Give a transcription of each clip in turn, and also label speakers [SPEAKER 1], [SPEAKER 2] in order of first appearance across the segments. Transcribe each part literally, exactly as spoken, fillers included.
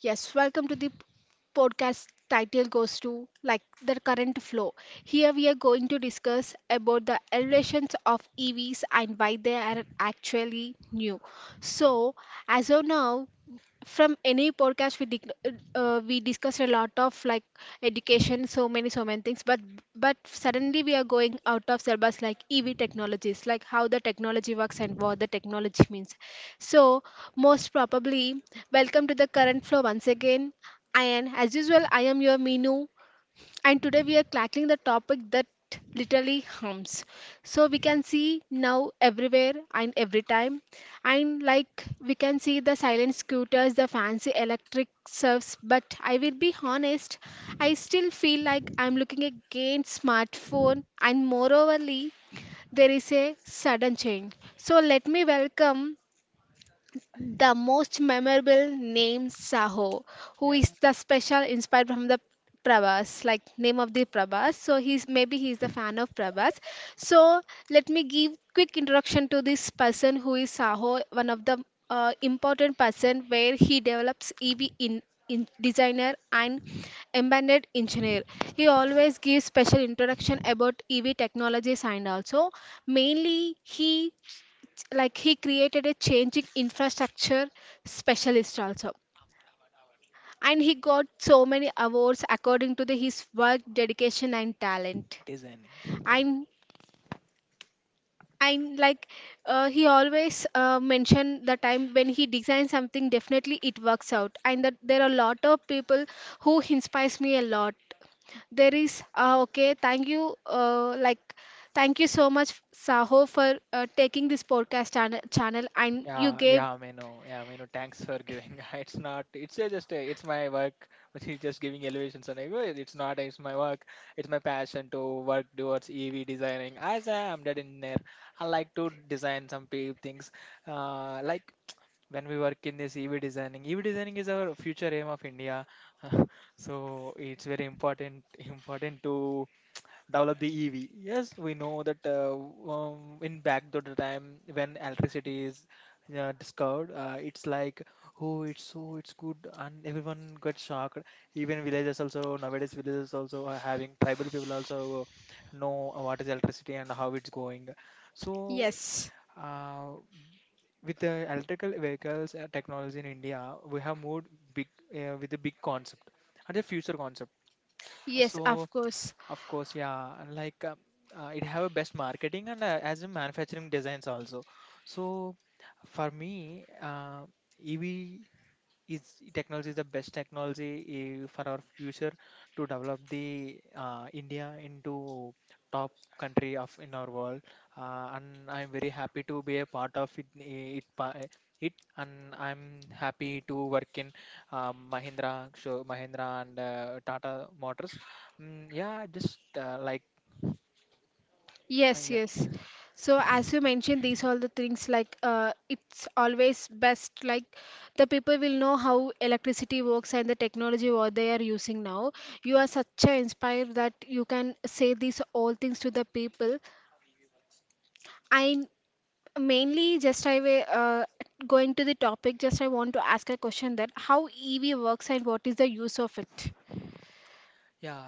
[SPEAKER 1] Yes, welcome to the p- podcast title goes to like the current flow. Here we are going to discuss about the elevations of E Vs and why they are actually new. So, as of now, from any podcast we dic- uh, we discussed a lot of like education so many so many things but but suddenly we are going out of syllabus like ev technologies like how the technology works and what the technology means so, most probably, welcome to the current flow once again. And as usual, I am your Minu, and today we are tackling the topic that literally hums. So, we can see now everywhere and every time, and like we can see the silent scooters, the fancy electric surfs. But I will be honest, I still feel like I'm looking again smartphone, and moreoverly, there is a sudden change. So, let me welcome the most memorable name Saho, who is the special inspired from the Prabhas, like name of the Prabhas. So he's maybe he's the fan of Prabhas. So let me give quick introduction to this person who is Saho, one of the uh, important person where he develops E V in, in designer and embedded engineer. He always gives special introduction about E V technologies and also mainly he like he created a changing infrastructure specialist also and he got so many awards according to the, his work dedication and talent
[SPEAKER 2] Designing.
[SPEAKER 1] and and like uh, he always uh, mentioned the time when he designs something definitely it works out and that there are a lot of people who inspires me a lot there is uh, okay thank you uh, like thank you so much saho for uh, taking this podcast channel, channel and you
[SPEAKER 2] Yeah,
[SPEAKER 1] gave
[SPEAKER 2] yeah, Menu. Yeah, Menu, thanks for giving. It's not, it's uh, just, uh, it's my work, which is just giving elevations and everything. It's not, it's my work. It's my passion to work towards E V designing. As I am that engineer, I like to design some pe- things. Uh, like when we work in this E V designing, E V designing is our future aim of India. So it's very important, important to develop the E V. Yes, we know that uh, um, in back to the time when electricity is uh, discovered, uh, it's like oh, it's so it's good, and everyone got shocked. Even villages also, nowadays villages also are having tribal people also uh, know what is electricity and how it's going. So.
[SPEAKER 1] yes.
[SPEAKER 2] Uh, with the electrical vehicles uh, technology in India, we have moved big, uh, with a big concept and a future concept.
[SPEAKER 1] Yes,
[SPEAKER 2] So
[SPEAKER 1] of course.
[SPEAKER 2] of course, yeah. and Like um, uh, it have a best marketing and uh, as in manufacturing designs also. So for me, uh, E V is technology is the best technology eh, for our future to develop the uh, India into top country of in our world, uh, and I'm very happy to be a part of it, eh, it, pa- eh, it and I'm happy to work in um, Mahindra, so Mahindra and uh, Tata Motors. Mm, yeah, just uh, like uh,
[SPEAKER 1] Yes,
[SPEAKER 2] yeah,
[SPEAKER 1] yes. So as you mentioned, these all the things like uh, it's always best like the people will know how electricity works and the technology what they are using now. You are such a inspired that you can say these all things to the people. I mainly just I will uh, going to the topic. Just I want to ask a question that how E V works and what is the use of it.
[SPEAKER 2] yeah.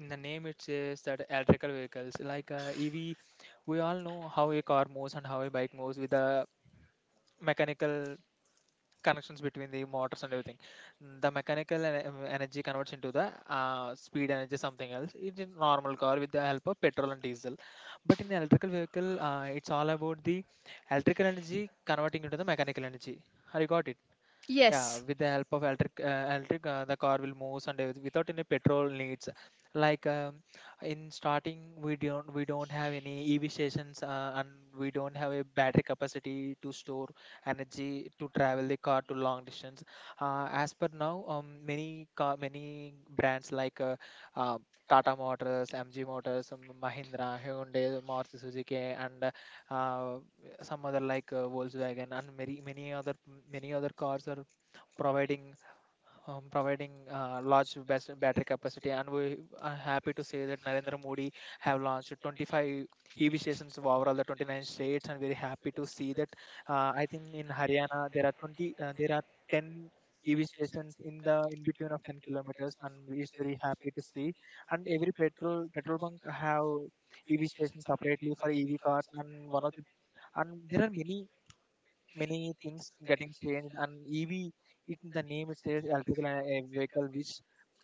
[SPEAKER 2] In the name it says that electrical vehicles like, uh, E V, we all know how a car moves and how a bike moves with the mechanical connections between the motors and everything. Mm, the mechanical en- em- energy converts into the uh, speed energy, something else. It's in normal car with the help of petrol and diesel, but in electrical vehicle uh, it's all about the electrical energy converting into the mechanical energy. Have you got it? Yeah,
[SPEAKER 1] Yes.
[SPEAKER 2] with the help of electric, uh, electric, uh, the car will move and everyth- without any petrol needs. Like um, in starting, we don't we don't have any E V stations, uh, and we don't have a battery capacity to store energy to travel the car to long distance. Uh, as per now, um, many car, many brands like, uh, uh, Tata Motors, M G Motors, um, Mahindra, Hyundai, Maruti Suzuki, and uh, some other like, uh, Volkswagen and many many other many other cars are providing, um, providing uh, large bas- battery capacity, and we are happy to say that Narendra Modi have launched twenty-five E V stations of overall the twenty-nine states, and very happy to see that, uh, I think in Haryana there are twenty, uh, there are ten E V stations in the in between of ten kilometers, and we is very happy to see, and every petrol petrol bunk have E V stations separately for E V cars, and one of the, and there are many, many things getting changed. And ev, it, the name it says electrical and, uh, vehicle, which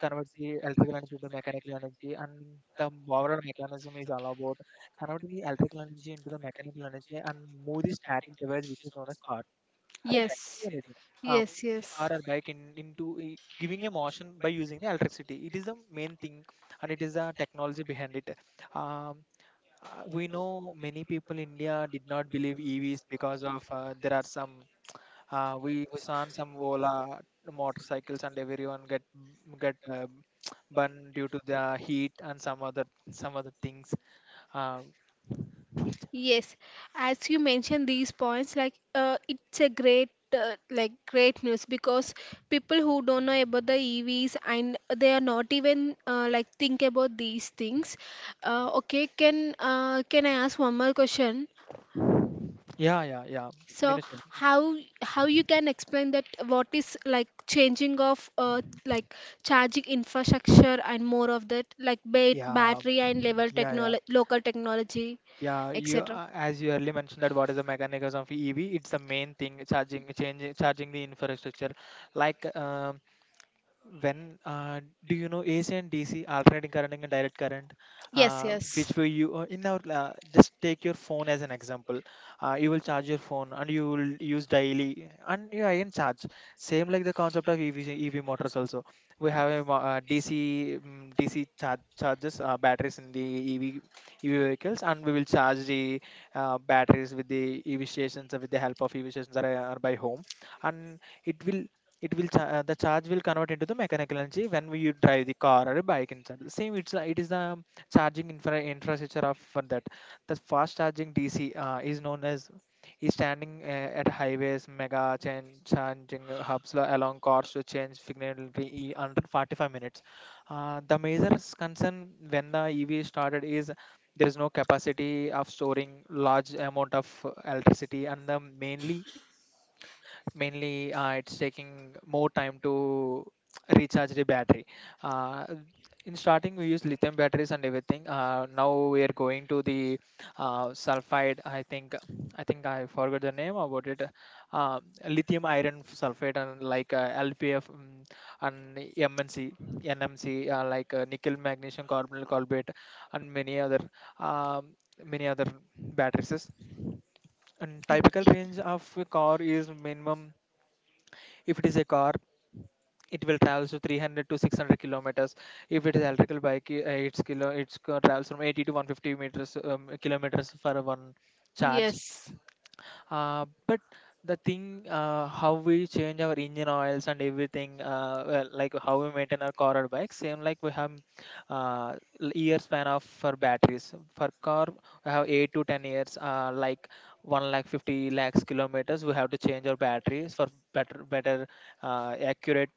[SPEAKER 2] converts the electrical energy to mechanical energy, and the overall mechanism is all about converting the electrical energy into the mechanical energy, and move the static device which is known as car, or a
[SPEAKER 1] Yes.
[SPEAKER 2] battery, anything. uh,
[SPEAKER 1] Yes,
[SPEAKER 2] the car
[SPEAKER 1] yes.
[SPEAKER 2] or bike in, into i- giving a motion by using the electricity, it is the main thing, and it is the technology behind it. um, uh, we know many people in India did not believe E Vs because of, uh, there are some, uh, we we saw some Ola motorcycles and everyone get get uh, burned due to the heat and some other, some other things. Uh,
[SPEAKER 1] Yes, as you mentioned these points, like uh, it's a great uh, like great news because people who don't know about the E Vs and they are not even uh, like think about these things. Uh, okay, can uh, can I ask one more question?
[SPEAKER 2] yeah, yeah, yeah.
[SPEAKER 1] So
[SPEAKER 2] Miniature.
[SPEAKER 1] how how you can explain that what is like changing of uh, like charging infrastructure and more of that like ba
[SPEAKER 2] Yeah,
[SPEAKER 1] battery and level
[SPEAKER 2] yeah, yeah.
[SPEAKER 1] technology local technology
[SPEAKER 2] Yeah, you,
[SPEAKER 1] et cetera.
[SPEAKER 2] uh, as you earlier mentioned, that what is the mechanism of E V? It's the main thing, charging, changing, charging the infrastructure. Like um when, uh, do you know A C and D C, alternating current and direct current,
[SPEAKER 1] Yes,
[SPEAKER 2] uh,
[SPEAKER 1] yes.
[SPEAKER 2] which will you, uh, in our uh, just take your phone as an example. Uh, you will charge your phone and you will use daily and you again charge, same like the concept of E V, motors also we have a, mo- uh, D C, um, D C charge, charges, uh, batteries in the E V vehicles, and we will charge the, uh, batteries with the E V stations, uh, with the help of E V stations, or, uh, or by home, and it will, it will cha- uh, the charge will convert into the mechanical energy when we you drive the car or a bike inside the same. It's, uh, it is the charging infra- infrastructure of for that. The fast charging DC, uh, is known as, is standing uh, at highways, mega chain charging hubs, lo- along cars to change significantly e- under forty-five minutes. Uh, the major s- concern when the EV started is there is no capacity of storing large amount of uh, electricity, and the mainly, mainly uh, it's taking more time to recharge the battery. uh, in starting we use lithium batteries and everything. Uh, now we are going to the, uh, sulfide, I think, i think I forgot the name about it. uh, Lithium iron sulfate, and like, uh, L P F, mm, and M N C, N M C, uh, like uh, nickel magnesium carbonyl carbonate, and many other, um many other batteries. And typical range of a car is minimum, if it is a car it will travel to three hundred to six hundred kilometers. If it is electrical bike, i- uh, it's kilo it's go- travels from eighty to one hundred fifty meters, um, kilometers, for one charge.
[SPEAKER 1] Yes.
[SPEAKER 2] Uh, but the thing, uh, how we change our engine oils and everything, uh, well, like how we maintain our car or bike, same like we have, uh, l- year span of for batteries. For car we have eight to ten years, uh, like one lakh, fifty lakhs kilometers we have to change our batteries, for better, better uh, accurate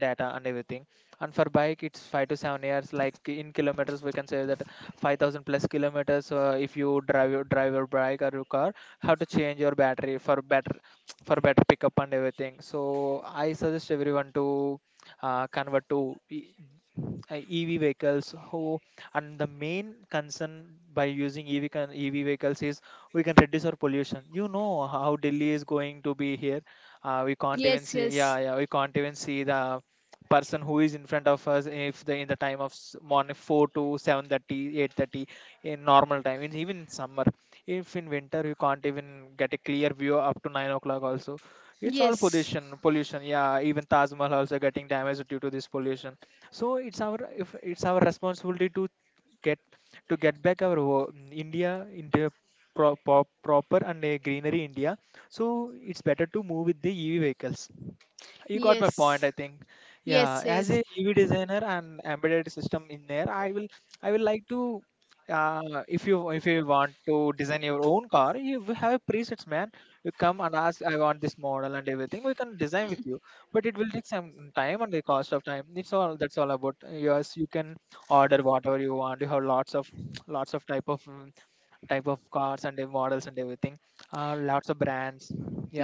[SPEAKER 2] data and everything. And for bike it's five to seven years, like in kilometers we can say that five thousand plus kilometers, uh, if you drive your drive your bike or your car, how to change your battery for better, for better pickup and everything. So I suggest everyone to, uh, convert to e- uh, E V vehicles. Who, and the main concern by using E V con- E V vehicles is, we can reduce our pollution. You know how Delhi is going to be here. Uh, we can't even
[SPEAKER 1] Yes,
[SPEAKER 2] see.
[SPEAKER 1] yes.
[SPEAKER 2] Yeah, yeah. We can't even see the person who is in front of us, if the, in the time of s- morning four to seven thirty, eight thirty, in normal time in, even in summer, if in winter you can't even get a clear view up to nine o'clock also. It's all
[SPEAKER 1] Yes.
[SPEAKER 2] pollution pollution yeah, even Taj Mahal also getting damaged due to this pollution. So it's our, if it's our responsibility to get to get back our wo- india, india pro, pro, proper and a greenery india, so it's better to move with the EV vehicles. You got my
[SPEAKER 1] Yes.
[SPEAKER 2] point, I think. Yeah,
[SPEAKER 1] Yes,
[SPEAKER 2] as
[SPEAKER 1] yes.
[SPEAKER 2] a EV designer and embedded system engineer, i will I will like to, uh, if you, if you want to design your own car you will have presets, man. You come and ask, I want this model and everything, we can design with you, but it will take some time, and the cost of time, it's all, that's all about. Yes, you can order whatever you want, you have lots of, lots of type of, mm, type of cars and the models and everything. Uh, lots of brands.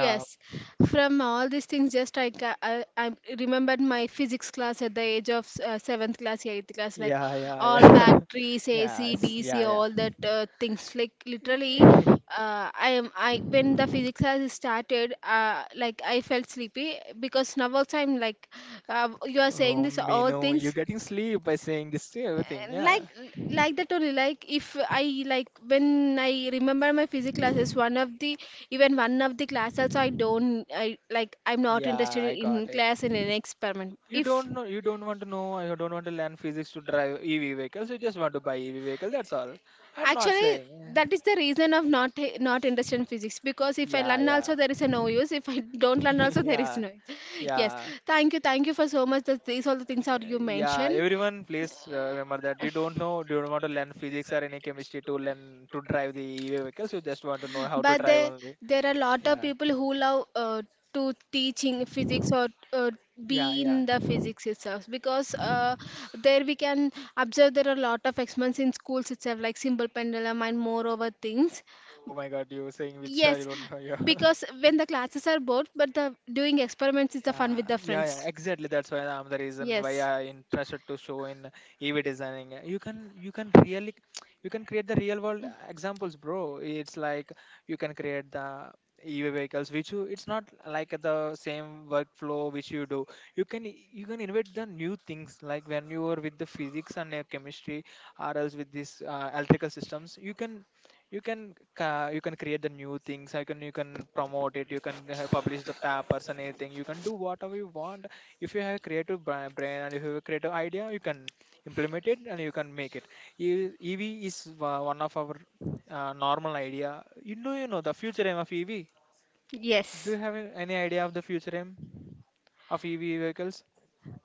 [SPEAKER 2] Yeah.
[SPEAKER 1] from all these things, just I, ca- I, I remembered my physics class at the age of uh, seventh class, eighth class, like
[SPEAKER 2] Yeah, yeah,
[SPEAKER 1] all
[SPEAKER 2] yeah.
[SPEAKER 1] batteries, A C,
[SPEAKER 2] Yes,
[SPEAKER 1] D C,
[SPEAKER 2] yeah,
[SPEAKER 1] all that uh, things. Like literally,
[SPEAKER 2] yeah.
[SPEAKER 1] uh, I am I when the physics has started, uh, like I felt sleepy because now also I'm like, uh, you are saying
[SPEAKER 2] Oh,
[SPEAKER 1] this all
[SPEAKER 2] mino, you're
[SPEAKER 1] things.
[SPEAKER 2] getting sleep by saying this to everything.
[SPEAKER 1] Like
[SPEAKER 2] Yeah.
[SPEAKER 1] like that only like if I like when I remember my physics classes one of the even one of the class also I don't I like I'm not
[SPEAKER 2] Yeah,
[SPEAKER 1] interested
[SPEAKER 2] I
[SPEAKER 1] in
[SPEAKER 2] got it.
[SPEAKER 1] class in an experiment
[SPEAKER 2] You
[SPEAKER 1] if
[SPEAKER 2] don't know, you don't want to know, I don't want to learn physics to drive E V vehicles. You just want to buy E V vehicle. That's all. I'm not
[SPEAKER 1] actually
[SPEAKER 2] saying.
[SPEAKER 1] that is the reason of not not interested in physics because if I
[SPEAKER 2] Yeah,
[SPEAKER 1] learn also
[SPEAKER 2] yeah,
[SPEAKER 1] there is a no use if I don't learn also there is
[SPEAKER 2] yeah,
[SPEAKER 1] no use yes
[SPEAKER 2] yeah.
[SPEAKER 1] thank you thank you for so much that these all the things are
[SPEAKER 2] Uh,
[SPEAKER 1] you
[SPEAKER 2] yeah.
[SPEAKER 1] mentioned
[SPEAKER 2] Everyone, please, uh, remember that you don't know, you don't want to learn physics or any chemistry to learn to drive the E V vehicles. You just want to know how to
[SPEAKER 1] But
[SPEAKER 2] drive
[SPEAKER 1] there,
[SPEAKER 2] only.
[SPEAKER 1] there are a lot of
[SPEAKER 2] Yeah,
[SPEAKER 1] people who love uh, to teaching physics or uh,
[SPEAKER 2] yeah,
[SPEAKER 1] be
[SPEAKER 2] yeah.
[SPEAKER 1] in the physics itself because uh, there we can observe there are a lot of experiments in schools itself like simple pendulum and more over things.
[SPEAKER 2] Oh my God, you were saying which I
[SPEAKER 1] Yes,
[SPEAKER 2] don't know. Yeah,
[SPEAKER 1] because when the classes are bored, but the doing experiments is the fun with
[SPEAKER 2] yeah,
[SPEAKER 1] the
[SPEAKER 2] yeah,
[SPEAKER 1] friends.
[SPEAKER 2] yeah. Exactly. That's why, I'm the reason why
[SPEAKER 1] Yes.
[SPEAKER 2] I interested to show in E V designing. You can you can really you can create the real world examples, bro. It's like, you can create the E V vehicles, which you, it's not like the same workflow which you do. You can you can invent the new things, like when you are with the physics and, uh, chemistry, or else with this, uh, electrical systems. You can you can ca- you can create the new things I can you can promote it. You can uh, publish the papers and anything. You can do whatever you want. If you have a creative bra- brain and if you have a creative idea, you can implement it and you can make it. E- EV is wa- one of our uh, normal idea. You know you know the future aim of EV? Do
[SPEAKER 1] Yes.
[SPEAKER 2] you have a- any idea of the future aim of EV vehicles?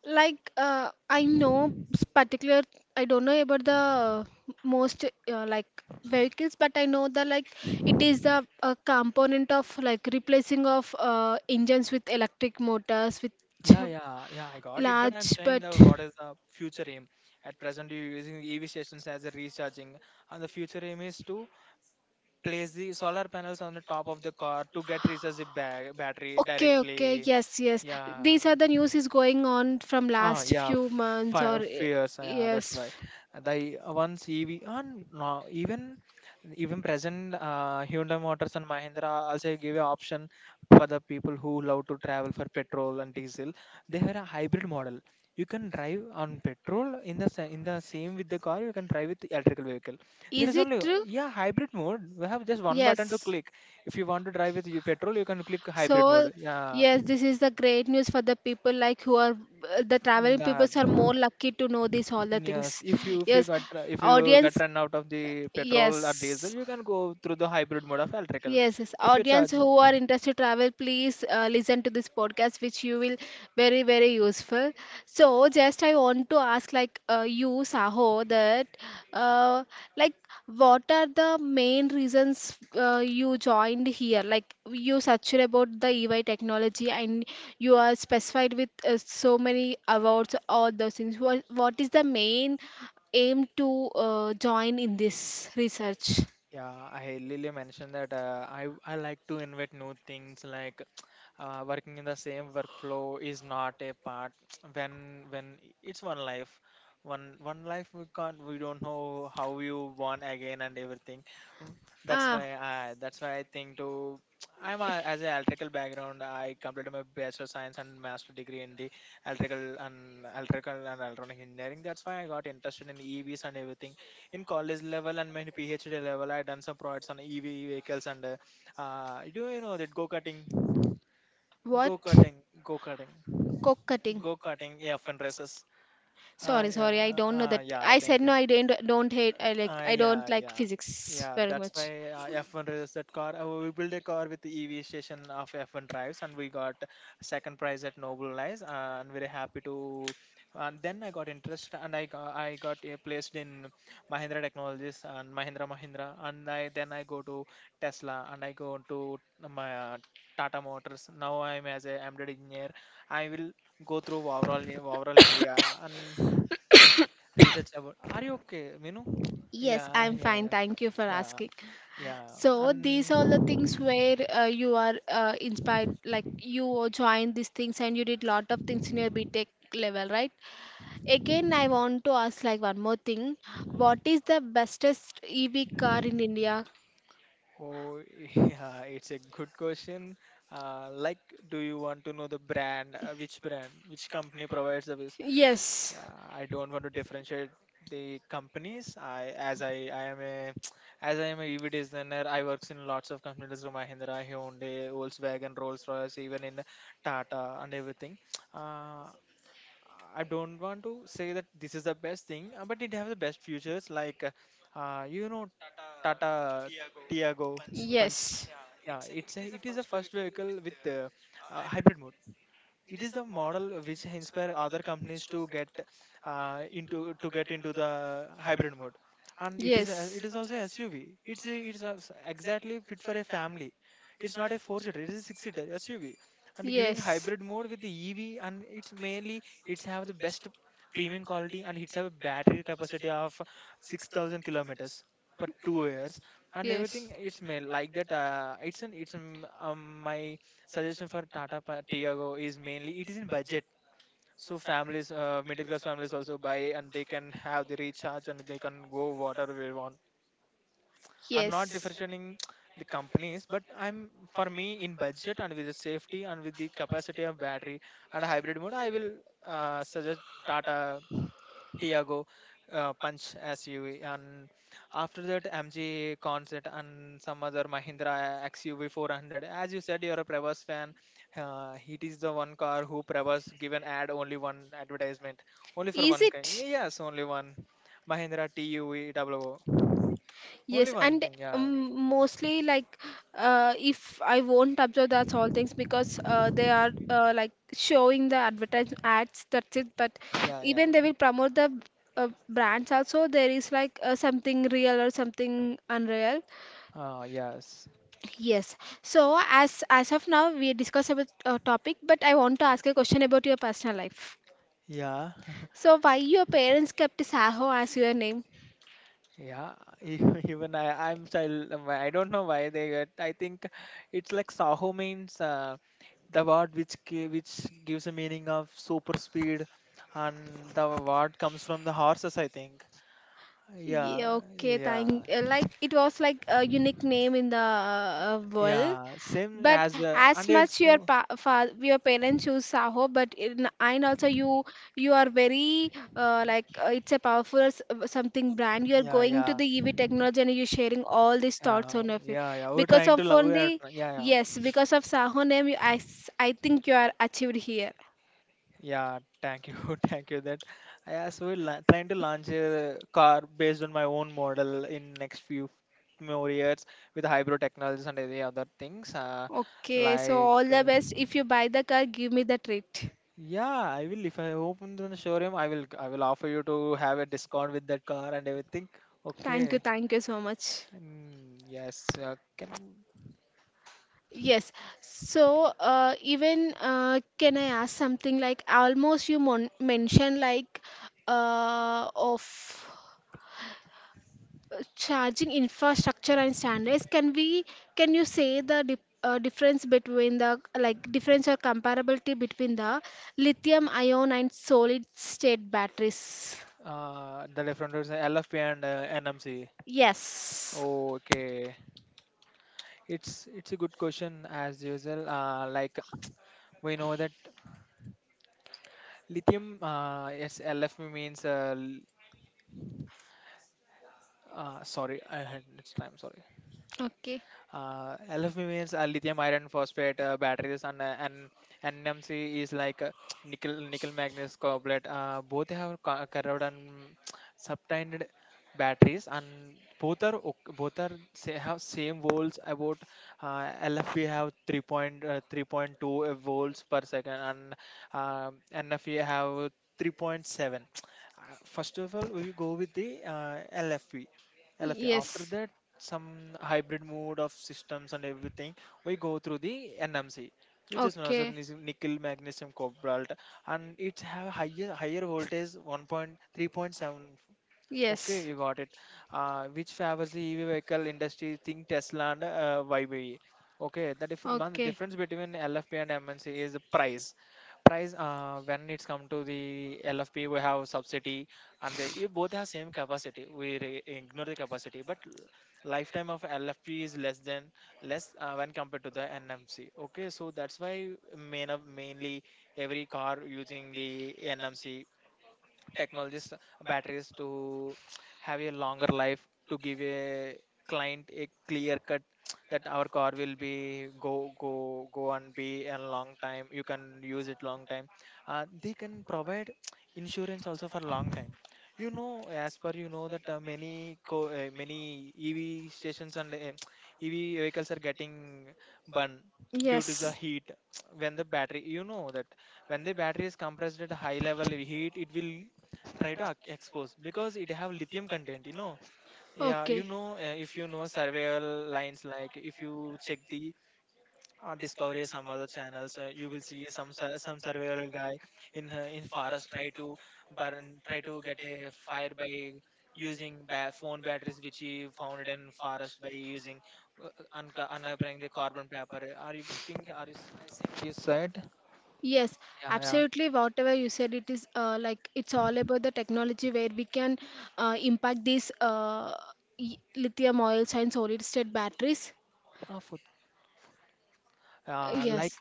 [SPEAKER 1] Like uh, I know s- particular, I don't know about the uh, most uh, like vehicles, but I know that like it is the a component of like replacing of uh, engines with electric motors, which
[SPEAKER 2] Yeah yeah yeah I got it, but
[SPEAKER 1] large
[SPEAKER 2] I'm saying
[SPEAKER 1] but.
[SPEAKER 2] that what is the future aim? At present, you're using EV stations as a recharging, and the future aim is to place the solar panels on the top of the car to get recharge the ba- battery
[SPEAKER 1] Okay, okay,
[SPEAKER 2] directly.
[SPEAKER 1] yes, yes.
[SPEAKER 2] Yeah.
[SPEAKER 1] These are the news is going on from
[SPEAKER 2] Ah,
[SPEAKER 1] last
[SPEAKER 2] yeah,
[SPEAKER 1] few months
[SPEAKER 2] fi
[SPEAKER 1] or
[SPEAKER 2] Fears. ah, Yeah, that's
[SPEAKER 1] yes.
[SPEAKER 2] why. The once E V, and no, even even present uh, Hyundai Motors and Mahindra also give a option for the people who love to travel for petrol and diesel. They have a hybrid model. You can drive on petrol in the sa- in the same with the car. You can drive with the electrical vehicle. There
[SPEAKER 1] Is
[SPEAKER 2] is
[SPEAKER 1] it
[SPEAKER 2] only
[SPEAKER 1] true?
[SPEAKER 2] yeah hybrid mode. We have just one button to
[SPEAKER 1] Yes.
[SPEAKER 2] click. If you want to drive with you petrol, you can click hybrid
[SPEAKER 1] So,
[SPEAKER 2] mode. Yeah,
[SPEAKER 1] yes, this is the great news for the people like who are the traveling
[SPEAKER 2] yeah.
[SPEAKER 1] peoples are more lucky to know these all the
[SPEAKER 2] Yes,
[SPEAKER 1] things.
[SPEAKER 2] if you if you
[SPEAKER 1] Yes,
[SPEAKER 2] got uh, if you get
[SPEAKER 1] audience.
[SPEAKER 2] run out of the petrol or diesel,
[SPEAKER 1] Yes.
[SPEAKER 2] you can go through the hybrid mode of electrical.
[SPEAKER 1] Yes, yes.
[SPEAKER 2] If you
[SPEAKER 1] Audience
[SPEAKER 2] charge,
[SPEAKER 1] who are interested to travel, please uh, listen to this podcast, which you will very, very useful. So, just I want to ask, like uh, you, Saho, that uh, like what are the main reasons uh, you joined here? Like you searched about the E Y technology, and you are specified with uh, so many awards, all those things. What what is the main aim to uh, join in this research?
[SPEAKER 2] yeah, I Lily mentioned that uh, I I like to invent new things, like uh, working in the same workflow is not a part. when when it's one life, one one life, we can't, we don't know how you born again and everything. Mm, that's
[SPEAKER 1] Ah,
[SPEAKER 2] why I that's why I think to, I'm a, as an electrical background, I completed my bachelor science and master degree in the electrical and electrical and electronic engineering. That's why I got interested in E Vs and everything. In college level and my PhD level, I done some projects on E V vehicles and uh, uh, do you know that go karting, go
[SPEAKER 1] what?
[SPEAKER 2] karting, go karting,
[SPEAKER 1] Coke cutting.
[SPEAKER 2] go karting? Yeah, fun races. Uh,
[SPEAKER 1] Sorry,
[SPEAKER 2] yeah,
[SPEAKER 1] sorry, I
[SPEAKER 2] uh,
[SPEAKER 1] don't know
[SPEAKER 2] uh,
[SPEAKER 1] that.
[SPEAKER 2] yeah, I
[SPEAKER 1] I said
[SPEAKER 2] think.
[SPEAKER 1] no, I don't don't hate I
[SPEAKER 2] Uh,
[SPEAKER 1] like
[SPEAKER 2] uh,
[SPEAKER 1] I don't
[SPEAKER 2] yeah,
[SPEAKER 1] like
[SPEAKER 2] yeah,
[SPEAKER 1] physics
[SPEAKER 2] yeah.
[SPEAKER 1] very
[SPEAKER 2] That's
[SPEAKER 1] much.
[SPEAKER 2] why, uh, F one races, that car. Uh, we built a car with the E V station of F one drives, and we got second prize at Noble Nice. Uh, And very happy to. And then I got interest, and I got, I got uh, placed in Mahindra Technologies and Mahindra Mahindra, and I then I go to Tesla, and I go to my. Uh, Tata Motors. Now I'm as a embedded engineer. I will go through overall overall India and research about. Are you okay, Minu?
[SPEAKER 1] Yes,
[SPEAKER 2] Yeah,
[SPEAKER 1] I'm
[SPEAKER 2] yeah,
[SPEAKER 1] fine.
[SPEAKER 2] yeah,
[SPEAKER 1] Thank you for
[SPEAKER 2] yeah,
[SPEAKER 1] asking.
[SPEAKER 2] yeah.
[SPEAKER 1] So these
[SPEAKER 2] And
[SPEAKER 1] are the things where uh, you are uh, inspired, like you joined these things and you did lot of things in your BTech level, right? Again, I want to ask like one more thing. What is the bestest E V car in India?
[SPEAKER 2] oh, yeah, it's a good question. Uh, like, do you want to know the brand? Uh, which brand? Which company provides service?
[SPEAKER 1] Yes.
[SPEAKER 2] Yeah, I don't want to differentiate the companies. I as I I am a as I am a E V designer. I works in lots of companies like Mahindra, Hyundai, Volkswagen, Rolls Royce, even in Tata and everything. Uh, I don't want to say that this is the best thing, uh, but it have the best futures. Like, uh, uh, you know, Tata Tiago Punch.
[SPEAKER 1] Yes.
[SPEAKER 2] Yeah, it's a, it is a first vehicle with uh, uh, hybrid mode. It is the model which inspire other companies to get uh, into to get into the hybrid mode. And it is a,
[SPEAKER 1] Yes.
[SPEAKER 2] it is also S U V. It's a, it's a, exactly fit for a family. It's not a four seater, it is a six seater S U V, and giving hybrid mode with the E V. And it's mainly, it's have the best premium quality, and it's have a battery capacity of six thousand kilometers per two years. And everything, it's made like that. Uh, it's an it's um, um, My suggestion for Tata Pa- Tiago is mainly it is in budget. So families, uh, middle class families, also buy, and they can have the recharge, and they can go whatever we want. I'm not differentiating the companies, but I'm, for me, in budget and with the safety and with the capacity of battery and hybrid mode, I will uh, suggest Tata Tiago uh, punch S U V, and after that M G Concert and some other Mahindra X U V four hundred. As you said, you're a Prevas fan. Uh, it is the one car who Prevas given ad, only one advertisement, only for one car. Yes, only one Mahindra T U V double O.
[SPEAKER 1] Yes,
[SPEAKER 2] Only one
[SPEAKER 1] and
[SPEAKER 2] thing. Yeah,
[SPEAKER 1] um, mostly like uh, if I won't observe that's all things because uh, they are uh, like showing the advertise ads that's it but
[SPEAKER 2] yeah, yeah.
[SPEAKER 1] even they will promote the uh, brands also there is like uh, something real or something unreal
[SPEAKER 2] Ah, yes.
[SPEAKER 1] yes so as as of now we discuss about a topic but I want to ask a question about your personal life
[SPEAKER 2] Yeah,
[SPEAKER 1] so why your parents kept Saho as your name
[SPEAKER 2] yeah. e- Even I, I'm child, I don't know why they get. I think it's like Saho means. Uh, the word which gi- which gives a meaning of super speed. And the word comes from the horses, I think. yeah
[SPEAKER 1] Yeah, okay,
[SPEAKER 2] yeah
[SPEAKER 1] thank uh, like it was like a unique name in the uh, uh, world.
[SPEAKER 2] yeah, same
[SPEAKER 1] But
[SPEAKER 2] as, uh,
[SPEAKER 1] as
[SPEAKER 2] and
[SPEAKER 1] much your
[SPEAKER 2] also
[SPEAKER 1] pa fa your parents choose Saho, but in and also you you are very uh, like uh, it's a powerful s- uh, something brand. You are
[SPEAKER 2] yeah
[SPEAKER 1] going to
[SPEAKER 2] yeah
[SPEAKER 1] the E V technology and you're sharing all these thoughts
[SPEAKER 2] yeah
[SPEAKER 1] on of it
[SPEAKER 2] yeah yeah we're
[SPEAKER 1] because
[SPEAKER 2] trying
[SPEAKER 1] of
[SPEAKER 2] to love, we are
[SPEAKER 1] only
[SPEAKER 2] try- yeah yeah
[SPEAKER 1] yes because of Saho name. You, I s- I think you are achieved here.
[SPEAKER 2] Yeah, thank you, thank you. That I as well la- trying to launch a car based on my own model in next few more years with hybrid technologies and any other things. Uh,
[SPEAKER 1] Okay, so
[SPEAKER 2] like
[SPEAKER 1] all the
[SPEAKER 2] uh,
[SPEAKER 1] best. If you buy the car, give me the treat.
[SPEAKER 2] yeah, I will, if I open the showroom, I will I will offer you to have a discount with that car and everything.
[SPEAKER 1] Thank you,
[SPEAKER 2] Okay.
[SPEAKER 1] thank you so much.
[SPEAKER 2] Mm, yes. Uh, can
[SPEAKER 1] Yes. So, uh, even uh, can I ask something like almost you mon mentioned like uh, of uh, charging infrastructure and standards. Can we can you say the dif uh, difference between the like difference or comparability between the lithium ion and solid state batteries?
[SPEAKER 2] uh the different routes, uh, L F P and uh, N M C.
[SPEAKER 1] Yes.
[SPEAKER 2] Okay. It's it's a good question as usual. Uh, like we know that lithium, uh, it's L F P means, uh, l- uh, sorry, I had it's time, sorry.
[SPEAKER 1] Okay.
[SPEAKER 2] Uh, L F P means uh, lithium iron phosphate uh, batteries, and uh, and N M C is like uh, nickel nickel manganese cobalt. Uh, both have co- corroded and subtended batteries, and both are ok- both are, say, have same volts about. uh, L F P have three point three point two uh, three point two uh, volts per second, and uh, N F E have three point seven. Uh, first of all, we go with the uh, L F P. L F A. After
[SPEAKER 1] Yes.
[SPEAKER 2] that, some hybrid mode of systems and everything, we go through the N M C, which is known as a nic- nickel, magnesium, cobalt, and it's have higher higher voltage one point three.7. Okay, you got it. Uh, which favors the E V vehicle industry? Think Tesla and uh, Y B E. Okay, the different man, the difference between L F P and M N C is the price. Price, uh, when it's come to the L F P, we have subsidy, and they, you, both have same capacity. We re- ignore the capacity, but l- lifetime of L F P is less than less uh, when compared to the N M C. Okay, so that's why main of mainly every car using the N M C technologies, uh, batteries to have a longer life, to give a client a clear cut that our car will be go go go and be a long time, you can use it long time. Uh, they can provide insurance also for long time. You know, as per you know that, uh, many co- uh, many EV stations and uh, EV vehicles are getting burned due to the heat. When the battery, you know that when the battery is compressed at a high level heat, it will try to ac- expose, because it have lithium content, you know. Yeah, you know, uh, if you know survival lines, like if you check the uh, discovery, some other channels, uh, you will see some sur- some survival guy in uh, in forest try to burn, try to get a fire by using ba- phone batteries, which he found it in forest, by using uh, unco- uncovering the carbon paper. Are you think, are you s- I think you said.
[SPEAKER 1] Yes,
[SPEAKER 2] yeah yeah
[SPEAKER 1] absolutely. Whatever you said, it is uh, like it's all about the technology where we can uh, impact these uh, y- lithium oils and solid state batteries.
[SPEAKER 2] Ah, food.
[SPEAKER 1] Uh,
[SPEAKER 2] Uh, like
[SPEAKER 1] Yes,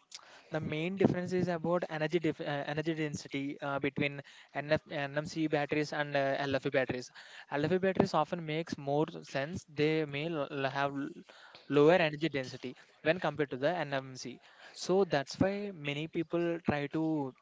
[SPEAKER 2] the main difference is about energy dif- uh, energy density uh, between N F, N M C batteries and uh, LFE batteries. L F E batteries often makes more sense. They may l- l- have l- lower energy density when compared to the N M C. So that's why many people try to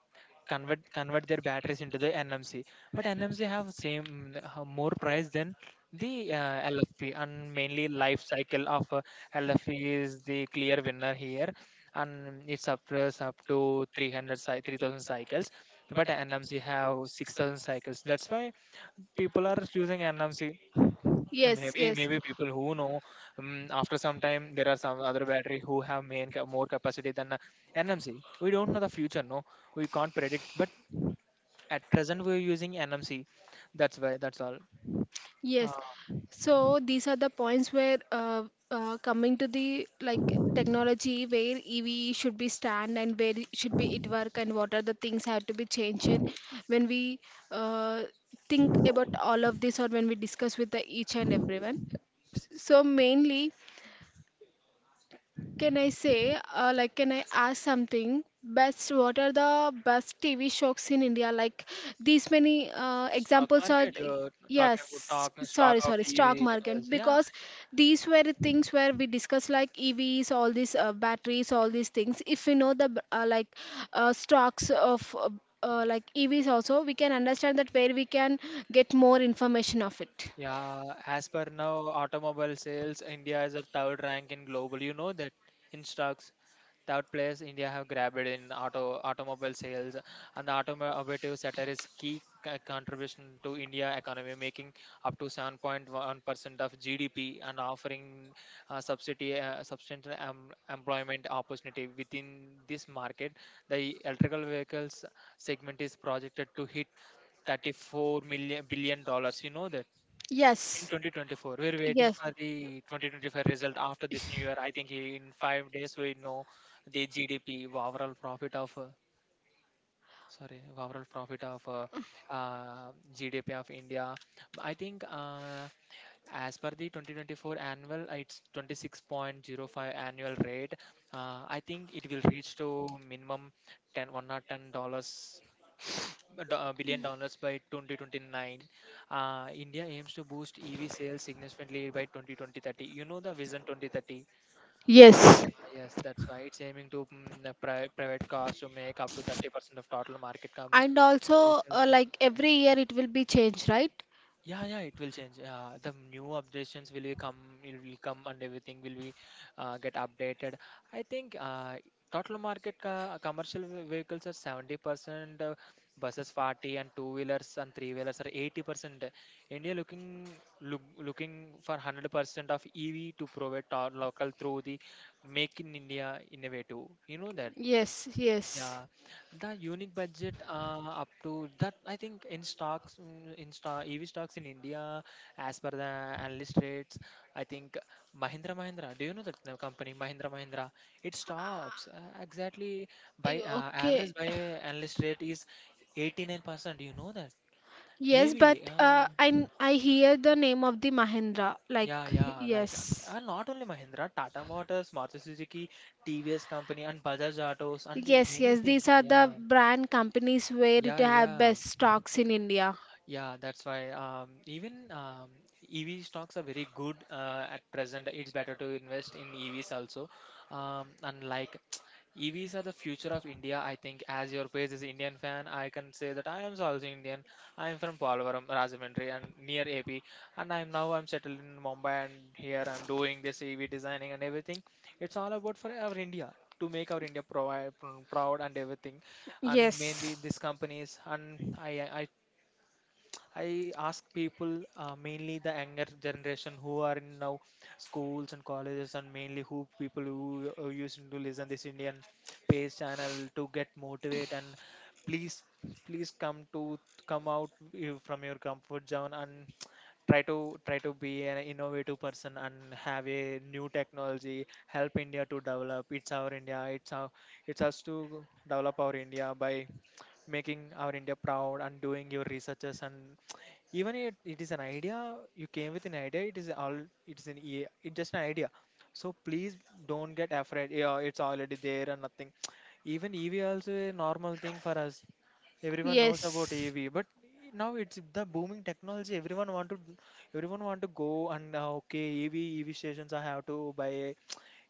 [SPEAKER 2] convert convert their batteries into the N M C. But N M C have same have more price than the uh, L F P. And mainly life cycle of uh, L F P is the clear winner here, and it's up to- up to three hundred cy- three thousand cycles, but N M C have six thousand cycles. That's why people are choosing N M C.
[SPEAKER 1] yes,
[SPEAKER 2] Maybe maybe people who know, um, after some time there are some other battery who have main ca- more capacity than uh, N M C. We don't know the future, no, we can't predict.
[SPEAKER 1] yes.
[SPEAKER 2] But at present, we're using N M C. That's why. That's all. Uh,
[SPEAKER 1] Yes. So these are the points where uh, uh, coming to the like technology where E V should be stand and where it should be it work and what are the things have to be changed and when we uh, think about all of this or when we discuss with the each and everyone. So mainly can I say, uh, like, can I ask something? Best, what are the best T V shows in India? Like, these many uh,
[SPEAKER 2] Stock
[SPEAKER 1] examples are,
[SPEAKER 2] market. You're talking
[SPEAKER 1] yes,
[SPEAKER 2] about stock, stock
[SPEAKER 1] sorry,
[SPEAKER 2] of
[SPEAKER 1] sorry,
[SPEAKER 2] E V.
[SPEAKER 1] stock
[SPEAKER 2] Retails.
[SPEAKER 1] market,
[SPEAKER 2] Yeah,
[SPEAKER 1] because these were the things where we discuss like E Vs, all these uh, batteries, all these things. If we know the b- uh, like uh, stocks of uh, uh, like E Vs also, we can understand that where we can get more information of it.
[SPEAKER 2] yeah. As per now, automobile sales, India is of third rank in global. You know that in stocks. Third place, India have grabbed in auto automobile sales, and the automotive sector is key co- contribution to India economy, making up to seven point one percent of G D P and offering uh, subsidy uh, substantial em- employment opportunity within this market. The electrical vehicles segment is projected to hit thirty-four million billion dollars. You know that
[SPEAKER 1] In
[SPEAKER 2] in
[SPEAKER 1] Yes.
[SPEAKER 2] twenty twenty-four we're waiting for the twenty twenty-five result after this new year. I think in five days we know the G D P overall profit of, uh, sorry, overall profit of uh, uh, G D P of india. I think uh, as per the twenty twenty-four annual, uh, it's twenty-six point zero five annual rate. uh, i think it will reach to minimum ten one hundred ten dollars do- uh, billion dollars by twenty twenty-nine. Uh, India aims to boost E V sales significantly by twenty thirty. You know the Vision twenty thirty. Uh,
[SPEAKER 1] Yes.
[SPEAKER 2] Yes, that's why it's aiming to mm, uh, pri private cars to make up to thirty percent of total market com-
[SPEAKER 1] And also,
[SPEAKER 2] sales.
[SPEAKER 1] uh, like every year, it will be changed, right?
[SPEAKER 2] Yeah, yeah, it will change. Yeah, the new updations will be come, it will come, and everything will be uh, get updated. I think uh, total market uh, commercial ve- vehicles are seventy percent, uh, buses forty, and two wheelers and three wheelers are eighty percent. India looking look, looking for one hundred percent of E V to provide to our local through the Make in India innovative. You know that.
[SPEAKER 1] Yes. Yes.
[SPEAKER 2] Yeah, the unique budget uh, up to that, i think in stocks, mm, in stock E V stocks in India as per the analyst rates. I think Mahindra Mahindra, do you know that uh, company Mahindra Mahindra? It stops uh, exactly by uh,
[SPEAKER 1] you
[SPEAKER 2] average by analyst rate is eighty-nine percent, do you know that?
[SPEAKER 1] Yes, but
[SPEAKER 2] E V,
[SPEAKER 1] eighty-nine
[SPEAKER 2] uh,
[SPEAKER 1] uh, I n- I hear the name of the Mahindra. Like
[SPEAKER 2] yeah, yeah, like, uh,
[SPEAKER 1] yes,
[SPEAKER 2] and not only Mahindra, Tata Motors, Maruti Suzuki, T V S company, and Bajaj Autos, and uh,
[SPEAKER 1] yes,
[SPEAKER 2] many
[SPEAKER 1] yes. These
[SPEAKER 2] things.
[SPEAKER 1] are
[SPEAKER 2] Yeah,
[SPEAKER 1] the brand companies where yeah, it
[SPEAKER 2] yeah,
[SPEAKER 1] yeah, have yeah.
[SPEAKER 2] yeah.
[SPEAKER 1] best stocks in India.
[SPEAKER 2] Yeah, that's why. Um, even, um, E V stocks are very good uh, at present. It's better to invest in E Vs also. Um, unlike, E Vs are the future of India, I think. As your page is Indian fan, I can say that I am also Indian. I am from Polavaram, Rajahmundry, and near A P. And I'm now I'm settled in Mumbai, and here I'm doing this E V designing and everything. It's all about for our India to make our India provi- proud and everything.
[SPEAKER 1] And these
[SPEAKER 2] And mainly these
[SPEAKER 1] Yes,
[SPEAKER 2] companies, and I I
[SPEAKER 1] that
[SPEAKER 2] I ask people, uh, mainly the younger generation who are in now schools and colleges, and mainly who people who uh, used to listen this Indian pace channel to get motivate and please, please come to come out you- from your comfort zone and try to try to be an innovative person and have a new technology, help India to develop. It's our India. It's our it's us to develop our India by making our India proud and doing your researches. And even it, it is an idea, you came with an idea, it is all, it's an e- it's just an idea. So please don't get afraid. Yeah, it's already there and nothing. Even EV also a normal thing for us.
[SPEAKER 1] company.
[SPEAKER 2] Everyone knows about
[SPEAKER 1] Yes.
[SPEAKER 2] EV, but now it's the booming technology. Everyone want to everyone want to go and, uh, okay, EV EV stations, I have to buy.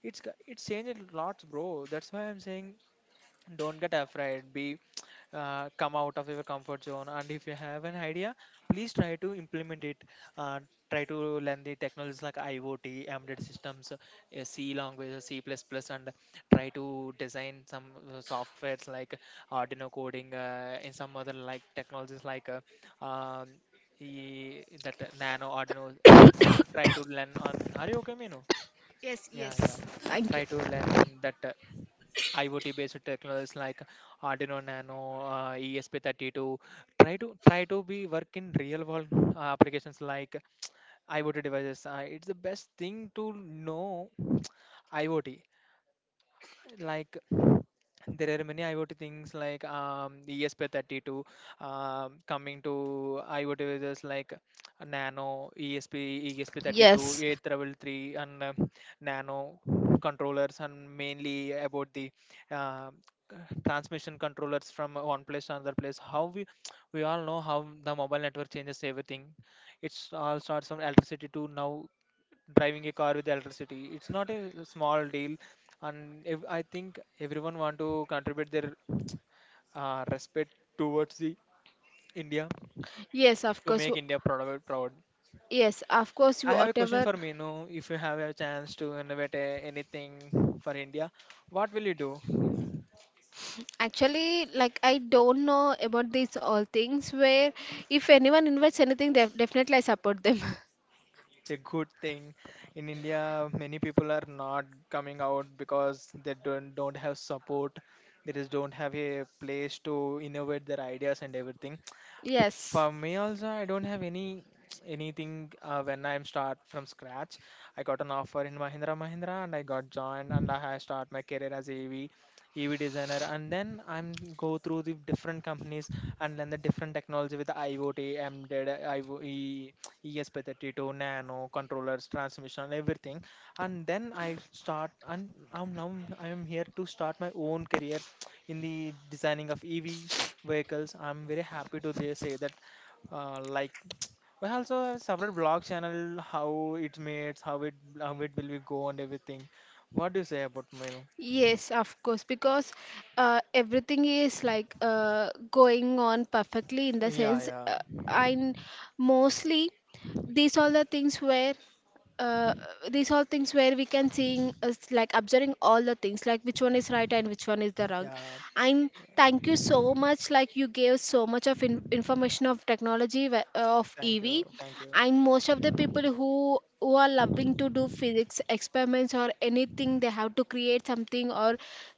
[SPEAKER 2] it's g- It's changed lots, bro. That's why I'm saying, don't get afraid, be, uh, come out of your comfort zone. And if you have an idea, please try to implement it. uh, Try to learn the technologies like I O T, embedded systems, uh, C language, uh, C plus plus. And try to design some uh, softwares like Arduino coding, uh, and some other like technologies like, uh, um, e- that uh, Nano Arduino. Try to learn on, are you okay, Minu?
[SPEAKER 1] Yes,
[SPEAKER 2] Yeah,
[SPEAKER 1] yes.
[SPEAKER 2] yeah.
[SPEAKER 1] Thank
[SPEAKER 2] Try
[SPEAKER 1] you.
[SPEAKER 2] to learn that. Uh, I O T based technologies like Arduino Nano, uh, E S P thirty-two. Try to try to be work in real world uh, applications like I O T devices. Uh, it's the best thing to know I O T. Like, there are many I O T things like, um, the E S P thirty-two, um, coming to I O T devices like Nano, E S P, E S P thirty-two,
[SPEAKER 1] Yes,
[SPEAKER 2] eight thirty-three, and um, Nano controllers, and mainly about the uh, transmission controllers from one place to another place. How we we all know how the mobile network changes everything. It's all starts from electricity to now driving a car with electricity. It's not a small deal. And if, I think everyone want to contribute their uh, respect towards the India
[SPEAKER 1] Yes, of
[SPEAKER 2] to
[SPEAKER 1] course.
[SPEAKER 2] make
[SPEAKER 1] W-
[SPEAKER 2] India proud proud.
[SPEAKER 1] Yes, of course, you
[SPEAKER 2] I have a question
[SPEAKER 1] whatever.
[SPEAKER 2] for Minu. If you have a chance to innovate a, anything for India, what will you do?
[SPEAKER 1] Actually, like I don't know about these all things where if anyone invites anything, def definitely I support them.
[SPEAKER 2] It's a good thing. In India, many people are not coming out because they don't don't have support. They just don't have a place to innovate their ideas and everything.
[SPEAKER 1] Yes.
[SPEAKER 2] For me also, I don't have any anything uh, when I'm start from scratch. I got an offer in Mahindra Mahindra, and I got joined, and I have start my career as a E V E V designer, and then I'm go through the different companies and learn the different technology with the I O T, Embedded I O, E- E E S P thirty-two Nano, controllers, transmission, and everything. And then I start, and I'm now I am here to start my own career in the designing of E V vehicles. I'm very happy to, they say that, uh, like, we also have separate blog channel, how it made, how it, how it will be go and everything. What do you say about you?
[SPEAKER 1] Yes, of course, because uh, everything is like uh, going on perfectly in the sense,
[SPEAKER 2] Yeah,
[SPEAKER 1] uh, and mostly these all the things were uh, these all things where we can seeing us like observing all the things like which one is right and which one is the wrong
[SPEAKER 2] yeah,
[SPEAKER 1] and
[SPEAKER 2] yeah.
[SPEAKER 1] thank you so much like you gave so much of in- information of technology wh- of
[SPEAKER 2] Thank
[SPEAKER 1] ev
[SPEAKER 2] you, thank you.
[SPEAKER 1] and most of the people who who are loving to do physics experiments or anything they have to create something or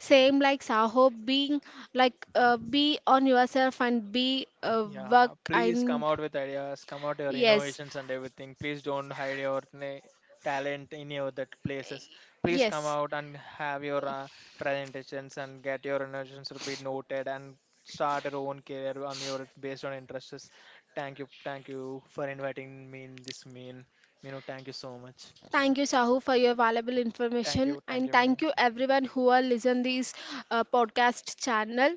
[SPEAKER 1] same like saho being like uh, be on yourself and be uh, work
[SPEAKER 2] Yeah, please
[SPEAKER 1] and
[SPEAKER 2] come out with ideas, come out your
[SPEAKER 1] yes
[SPEAKER 2] innovations and everything. Please don't hide your na- talent in your that places. Please come out and have your uh, presentations and get your innovations to be noted, and start your own career on your based on interests. Thank you, thank you for inviting me in this mean. You know, thank you so much.
[SPEAKER 1] Thank you, Sahu, for your valuable
[SPEAKER 2] Thank
[SPEAKER 1] information,
[SPEAKER 2] you, thank
[SPEAKER 1] and
[SPEAKER 2] you,
[SPEAKER 1] thank
[SPEAKER 2] Mino.
[SPEAKER 1] you everyone who are listen this uh, podcast channel.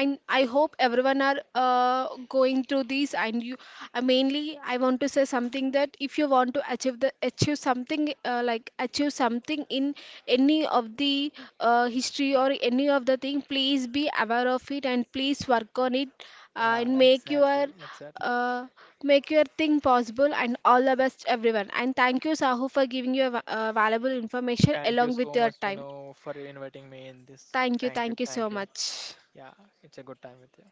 [SPEAKER 1] I I hope everyone are uh, going through these and you uh, mainly I want to say something that if you want to achieve the achieve something uh, like achieve something in any of the uh, history or any of the thing please be aware of it and please work on it uh,
[SPEAKER 2] Yeah,
[SPEAKER 1] and make your
[SPEAKER 2] exactly, exactly.
[SPEAKER 1] uh, make your thing possible and all the best everyone and thank you Sahu for giving you a va- uh, valuable information
[SPEAKER 2] Thank you
[SPEAKER 1] along with
[SPEAKER 2] so
[SPEAKER 1] your
[SPEAKER 2] much, you
[SPEAKER 1] time
[SPEAKER 2] know, for inviting me in this.
[SPEAKER 1] thank you
[SPEAKER 2] Thank you,
[SPEAKER 1] thank you
[SPEAKER 2] thank
[SPEAKER 1] so
[SPEAKER 2] you.
[SPEAKER 1] much
[SPEAKER 2] Yeah, it's a good time with you.